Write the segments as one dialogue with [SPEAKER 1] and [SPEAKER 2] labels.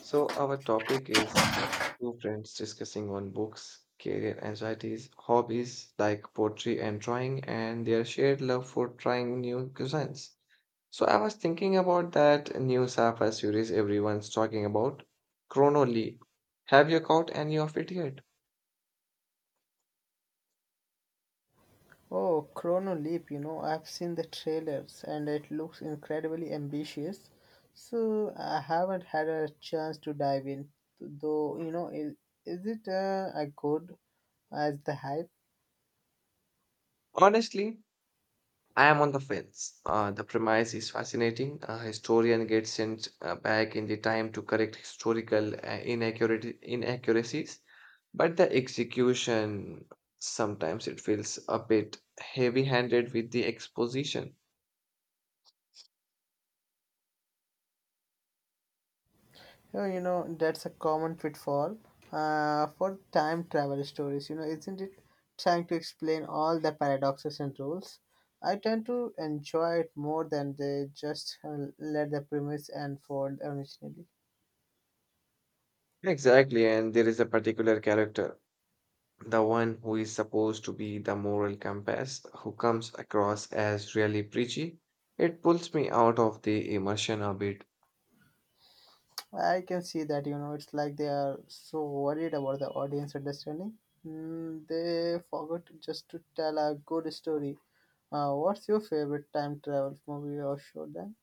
[SPEAKER 1] So our topic is two friends discussing on books, career anxieties, hobbies like poetry and drawing, and their shared love for trying new cuisines. So I was thinking about that new sci-fi series everyone's talking about, Chrono Leap. Have you caught any of it yet?
[SPEAKER 2] Oh, Chrono Leap, you know, I've seen the trailers and it looks incredibly ambitious. So I haven't had a chance to dive in, though, you know, is it as good as the hype?
[SPEAKER 1] Honestly, I am on the fence. The premise is fascinating. A historian gets sent back in the time to correct historical inaccuracies, but the execution sometimes it feels a bit heavy-handed with the exposition.
[SPEAKER 2] Oh, you know, that's a common pitfall for time travel stories, you know, isn't it? Trying to explain all the paradoxes and rules. I tend to enjoy it more than they just let the premise unfold originally.
[SPEAKER 1] Exactly, and there is a particular character, the one who is supposed to be the moral compass, who comes across as really preachy. It pulls me out of the immersion a bit.
[SPEAKER 2] I can see that, you know, it's like they are so worried about the audience understanding. Mm, they forgot just to tell a good story. What's your favorite time travel movie or show then?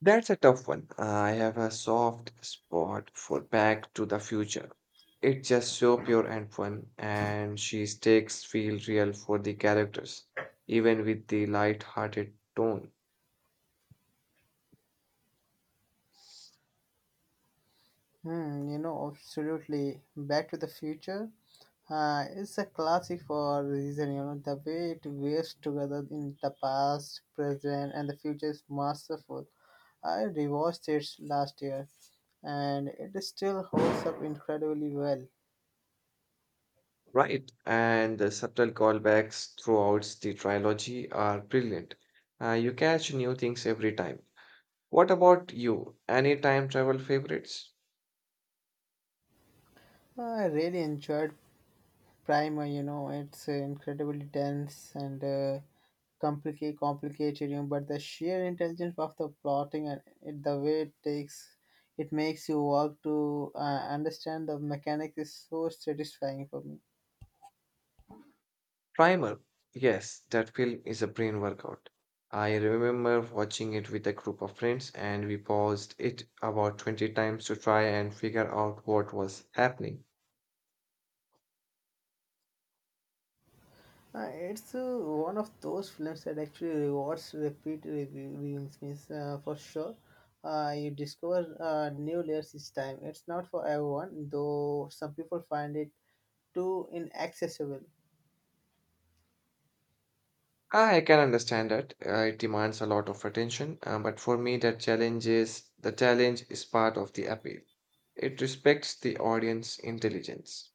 [SPEAKER 1] That's a tough one. I have a soft spot for Back to the Future. It's just so pure and fun, and she takes feel real for the characters, even with the light-hearted tone.
[SPEAKER 2] Hmm, you know, absolutely. Back to the Future. It's a classic for a reason, you know, the way it weaves together in the past, present, and the future is masterful. I rewatched it last year and it still holds up incredibly well.
[SPEAKER 1] Right, and the subtle callbacks throughout the trilogy are brilliant. You catch new things every time. What about you? Any time travel favorites?
[SPEAKER 2] Well, I really enjoyed Primer, you know, it's incredibly dense and complicated, you know, but the sheer intelligence of the plotting and it, the way it takes, it makes you work to understand the mechanics is so satisfying for me.
[SPEAKER 1] Primer. Yes, that film is a brain workout. I remember watching it with a group of friends and we paused it about 20 times to try and figure out what was happening.
[SPEAKER 2] It's one of those films that actually rewards viewings, means for sure. You discover new layers each time. It's not for everyone, though some people find it too inaccessible.
[SPEAKER 1] Ah, I can understand that. It demands a lot of attention, but for me that challenge is the challenge is part of the appeal. It respects the audience intelligence.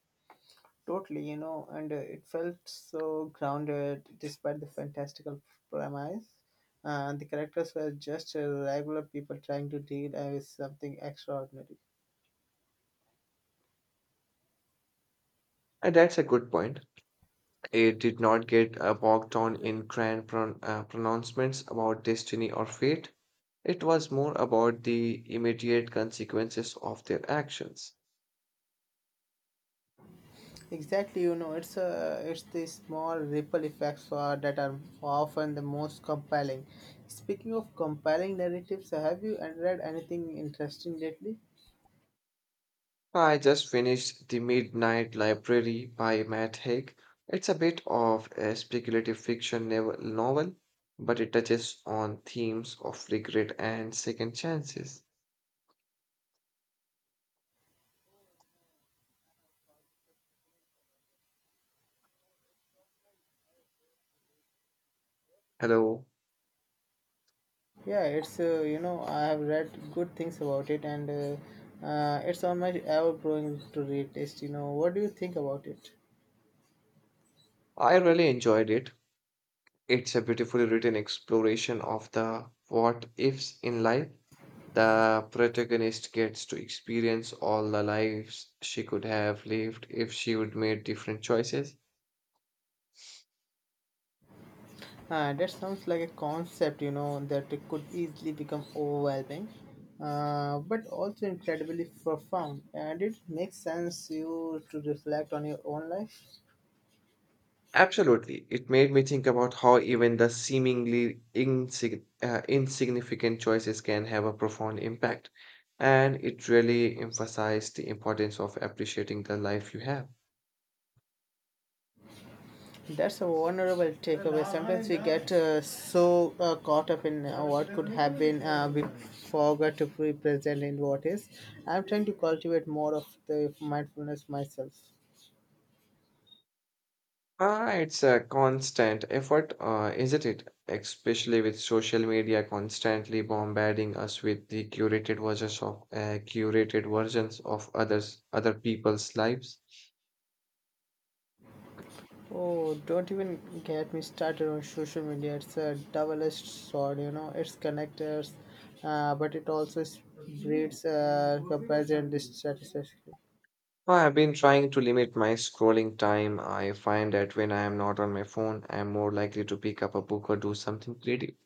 [SPEAKER 2] Totally, you know, and it felt so grounded despite the fantastical premise. And the characters were just regular people trying to deal with something extraordinary.
[SPEAKER 1] And that's a good point. It did not get bogged down in grand pronouncements about destiny or fate. It was more about the immediate consequences of their actions.
[SPEAKER 2] Exactly, you know, it's the small ripple effects that are often the most compelling. Speaking of compelling narratives, have you read anything interesting lately?
[SPEAKER 1] I just finished The Midnight Library by Matt Haig. It's a bit of a speculative fiction novel, but it touches on themes of regret and second chances. Hello.
[SPEAKER 2] Yeah, it's you know I have read good things about it, and it's on my ever-growing to read list. You know, what do you think about it?
[SPEAKER 1] I really enjoyed it. It's a beautifully written exploration of the what ifs in life. The protagonist gets to experience all the lives she could have lived if she would made different choices.
[SPEAKER 2] That sounds like a concept, you know, that it could easily become overwhelming, but also incredibly profound. And it makes sense you to reflect on your own life.
[SPEAKER 1] Absolutely. It made me think about how even the seemingly insignificant choices can have a profound impact. And it really emphasized the importance of appreciating the life you have.
[SPEAKER 2] That's a vulnerable takeaway. Sometimes we get so caught up in what could have been, we forget to be present in what is. I'm trying to cultivate more of the mindfulness myself.
[SPEAKER 1] Ah, it's a constant effort, isn't it? Especially with social media constantly bombarding us with the curated versions of other people's lives.
[SPEAKER 2] Oh, don't even get me started on social media. It's a double-edged sword, you know. It's connectors, but it also breeds comparison and dissatisfaction.
[SPEAKER 1] I have been trying to limit my scrolling time. I find that when I am not on my phone, I am more likely to pick up a book or do something creative.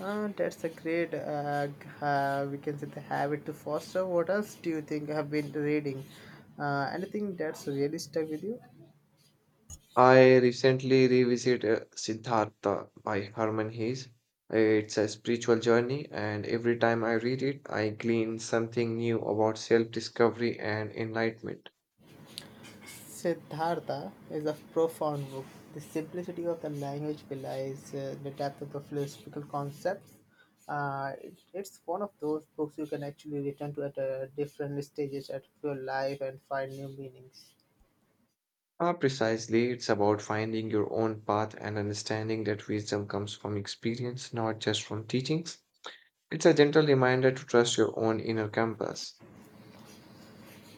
[SPEAKER 2] That's a great, we can say, the habit to foster. What else do you think you have been reading? Anything that's really stuck with you?
[SPEAKER 1] I recently revisited Siddhartha by Herman Hesse. It's a spiritual journey, and every time I read it, I glean something new about self discovery and enlightenment.
[SPEAKER 2] Siddhartha is a profound book. The simplicity of the language belies the depth of the philosophical concepts. It's one of those books you can actually return to at different stages of your life and find new meanings.
[SPEAKER 1] Ah, precisely, it's about finding your own path and understanding that wisdom comes from experience, not just from teachings. It's a gentle reminder to trust your own inner compass.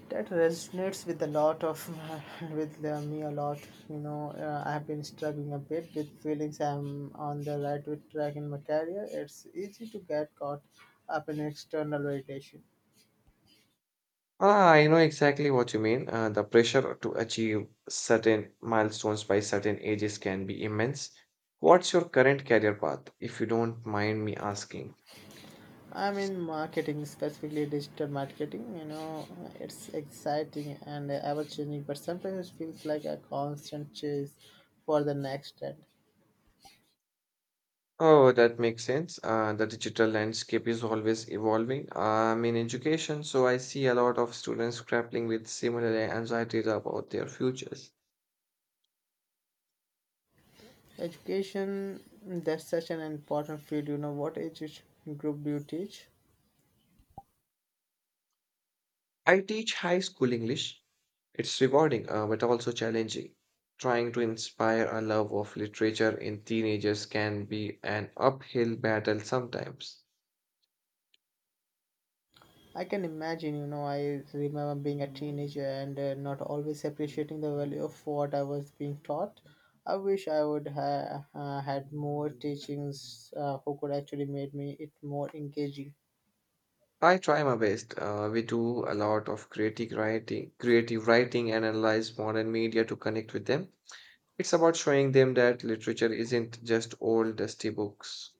[SPEAKER 2] That resonates with a lot of with me a lot. You know, I have been struggling a bit with feelings I'm on the right with track in my career. It's easy to get caught up in external validation.
[SPEAKER 1] Ah, I know exactly what you mean. The pressure to achieve certain milestones by certain ages can be immense. What's your current career path, if you don't mind me asking?
[SPEAKER 2] I'm in marketing, specifically digital marketing, you know, it's exciting and ever changing, but sometimes it feels like a constant chase for the next trend.
[SPEAKER 1] Oh, that makes sense. The digital landscape is always evolving. I'm in education, so I see a lot of students grappling with similar anxieties about their futures.
[SPEAKER 2] Education, that's such an important field, you know, what age group do you teach?
[SPEAKER 1] I teach high school English. It's rewarding, but also challenging. Trying to inspire a love of literature in teenagers can be an uphill battle sometimes.
[SPEAKER 2] I can imagine, you know, I remember being a teenager and not always appreciating the value of what I was being taught. I wish I would have had more teachings who could actually made me it more engaging.
[SPEAKER 1] I try my best. We do a lot of creative writing and analyze modern media to connect with them. It's about showing them that literature isn't just old dusty books.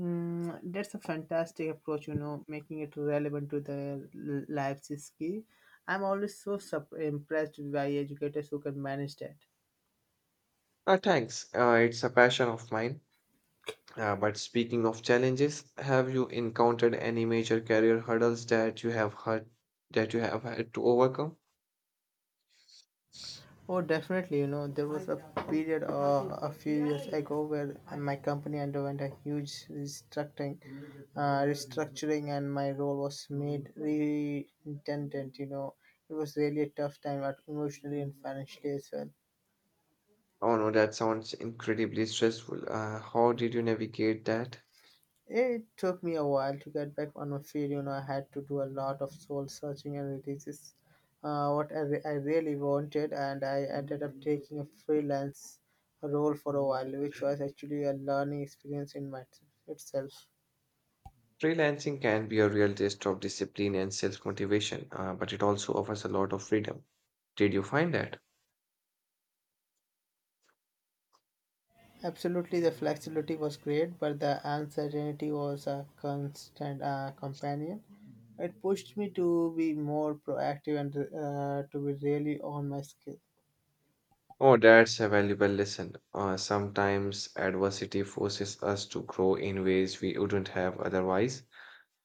[SPEAKER 2] Mm, that's a fantastic approach, you know, making it relevant to the lives is key. I'm always so impressed by educators who can manage that.
[SPEAKER 1] Thanks. It's a passion of mine. But speaking of challenges, have you encountered any major career hurdles that you have had to overcome?
[SPEAKER 2] Oh, definitely. You know, there was a period a few years ago where my company underwent a huge restructuring, and my role was made redundant. You know, it was really a tough time, but emotionally and financially as well.
[SPEAKER 1] Oh no, that sounds incredibly stressful. How did you navigate that?
[SPEAKER 2] It took me a while to get back on my feet. You know, I had to do a lot of soul searching, and this what I really wanted. And I ended up taking a freelance role for a while, which was actually a learning experience in my, itself.
[SPEAKER 1] Freelancing can be a real test of discipline and self-motivation, but it also offers a lot of freedom. Did you find that?
[SPEAKER 2] Absolutely, the flexibility was great, but the uncertainty was a constant companion. It pushed me to be more proactive and to be really on my skill.
[SPEAKER 1] Oh, that's a valuable lesson. Sometimes adversity forces us to grow in ways we wouldn't have otherwise.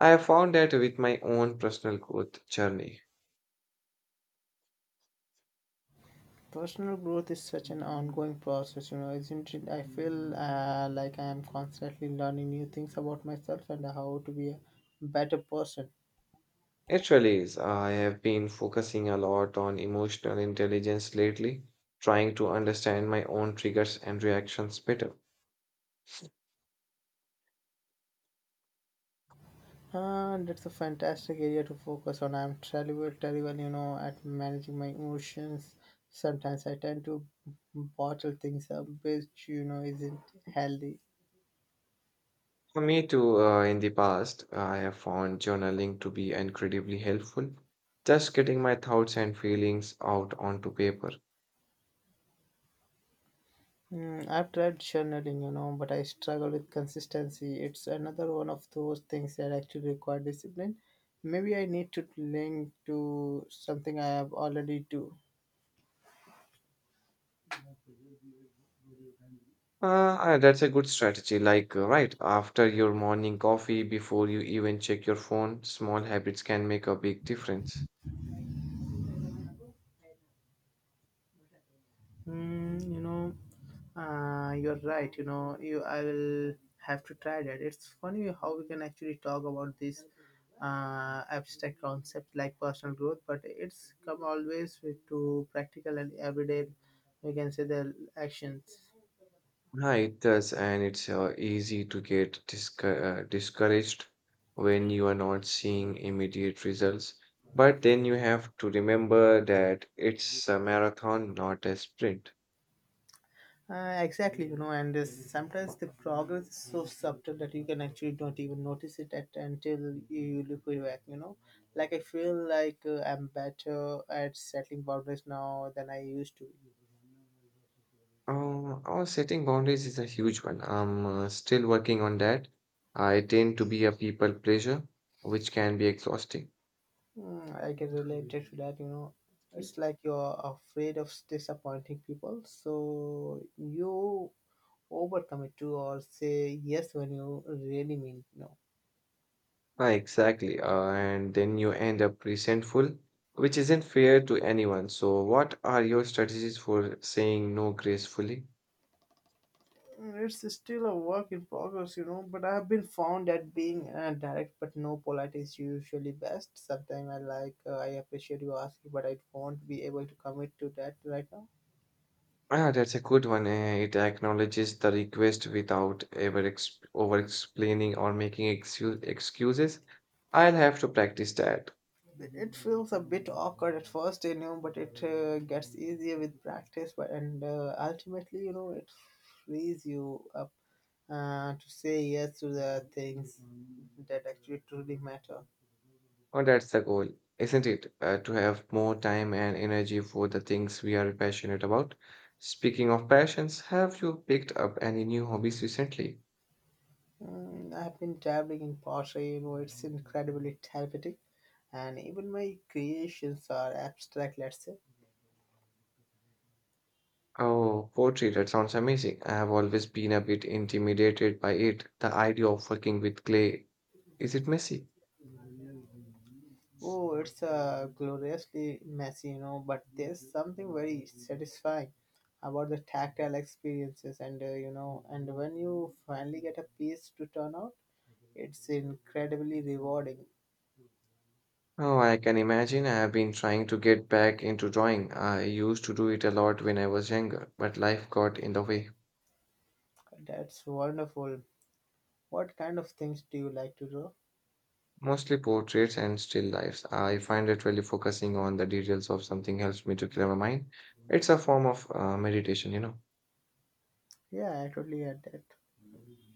[SPEAKER 1] I have found that with my own personal growth journey.
[SPEAKER 2] Personal growth is such an ongoing process, you know, isn't it? I feel like I am constantly learning new things about myself and how to be a better person.
[SPEAKER 1] It really is. I have been focusing a lot on emotional intelligence lately, trying to understand my own triggers and reactions better.
[SPEAKER 2] And it's a fantastic area to focus on. I'm terrible, you know, at managing my emotions. Sometimes I tend to bottle things up, which, you know, isn't healthy.
[SPEAKER 1] For me too, in the past, I have found journaling to be incredibly helpful, just getting my thoughts and feelings out onto paper.
[SPEAKER 2] Mm, I've tried journaling, you know, but I struggle with consistency. It's another one of those things that actually require discipline. Maybe I need to link to something I have already do.
[SPEAKER 1] That's a good strategy. Like, right after your morning coffee, before you even check your phone, small habits can make a big difference.
[SPEAKER 2] Mm, you know, you're right. You know, you I will have to try that. It's funny how we can actually talk about this abstract concept like personal growth, but it's come always with to practical and everyday. We can say the actions.
[SPEAKER 1] Yeah, it does, and it's easy to get discouraged when you are not seeing immediate results. But then you have to remember that it's a marathon, not a sprint.
[SPEAKER 2] Exactly, you know, and sometimes the progress is so subtle that you can actually don't even notice it at, until you look back, you know. Like, I feel like I'm better at settling boundaries now than I used to.
[SPEAKER 1] Oh, setting boundaries is a huge one. I'm still working on that. I tend to be a people pleaser, which can be exhausting.
[SPEAKER 2] Mm, I can relate to that, you know. It's like you're afraid of disappointing people, so you overcome it too, or say yes when you really mean no.
[SPEAKER 1] Ah, exactly. And then you end up resentful, which isn't fair to anyone. So, what are your strategies for saying no gracefully?
[SPEAKER 2] It's still a work in progress, you know, but I have been found that being direct but no polite is usually best. Sometimes I like, I appreciate you asking, but I won't be able to commit to that right now.
[SPEAKER 1] Ah, that's a good one. It acknowledges the request without ever ex over explaining or making excuses. I'll have to practice that.
[SPEAKER 2] It feels a bit awkward at first, you know, but it gets easier with practice, but and ultimately, you know, it frees you up to say yes to the things that actually truly matter.
[SPEAKER 1] Oh, that's the goal, isn't it? To have more time and energy for the things we are passionate about. Speaking of passions, have you picked up any new hobbies recently?
[SPEAKER 2] Mm, I've been dabbling in pottery, you know, it's incredibly therapeutic, and even my creations are abstract, let's say.
[SPEAKER 1] Oh, poetry, that sounds amazing. I have always been a bit intimidated by it, the idea of working with clay. Is it messy?
[SPEAKER 2] Oh, it's gloriously messy, you know, but there's something very satisfying about the tactile experiences, and you know, and when you finally get a piece to turn out, it's incredibly rewarding.
[SPEAKER 1] Oh, I can imagine. I have been trying to get back into drawing. I used to do it a lot when I was younger, but life got in the way.
[SPEAKER 2] That's wonderful. What kind of things do you like to draw?
[SPEAKER 1] Mostly portraits and still lifes. I find that really focusing on the details of something helps me to clear my mind. It's a form of meditation, you know.
[SPEAKER 2] Yeah, I totally get that.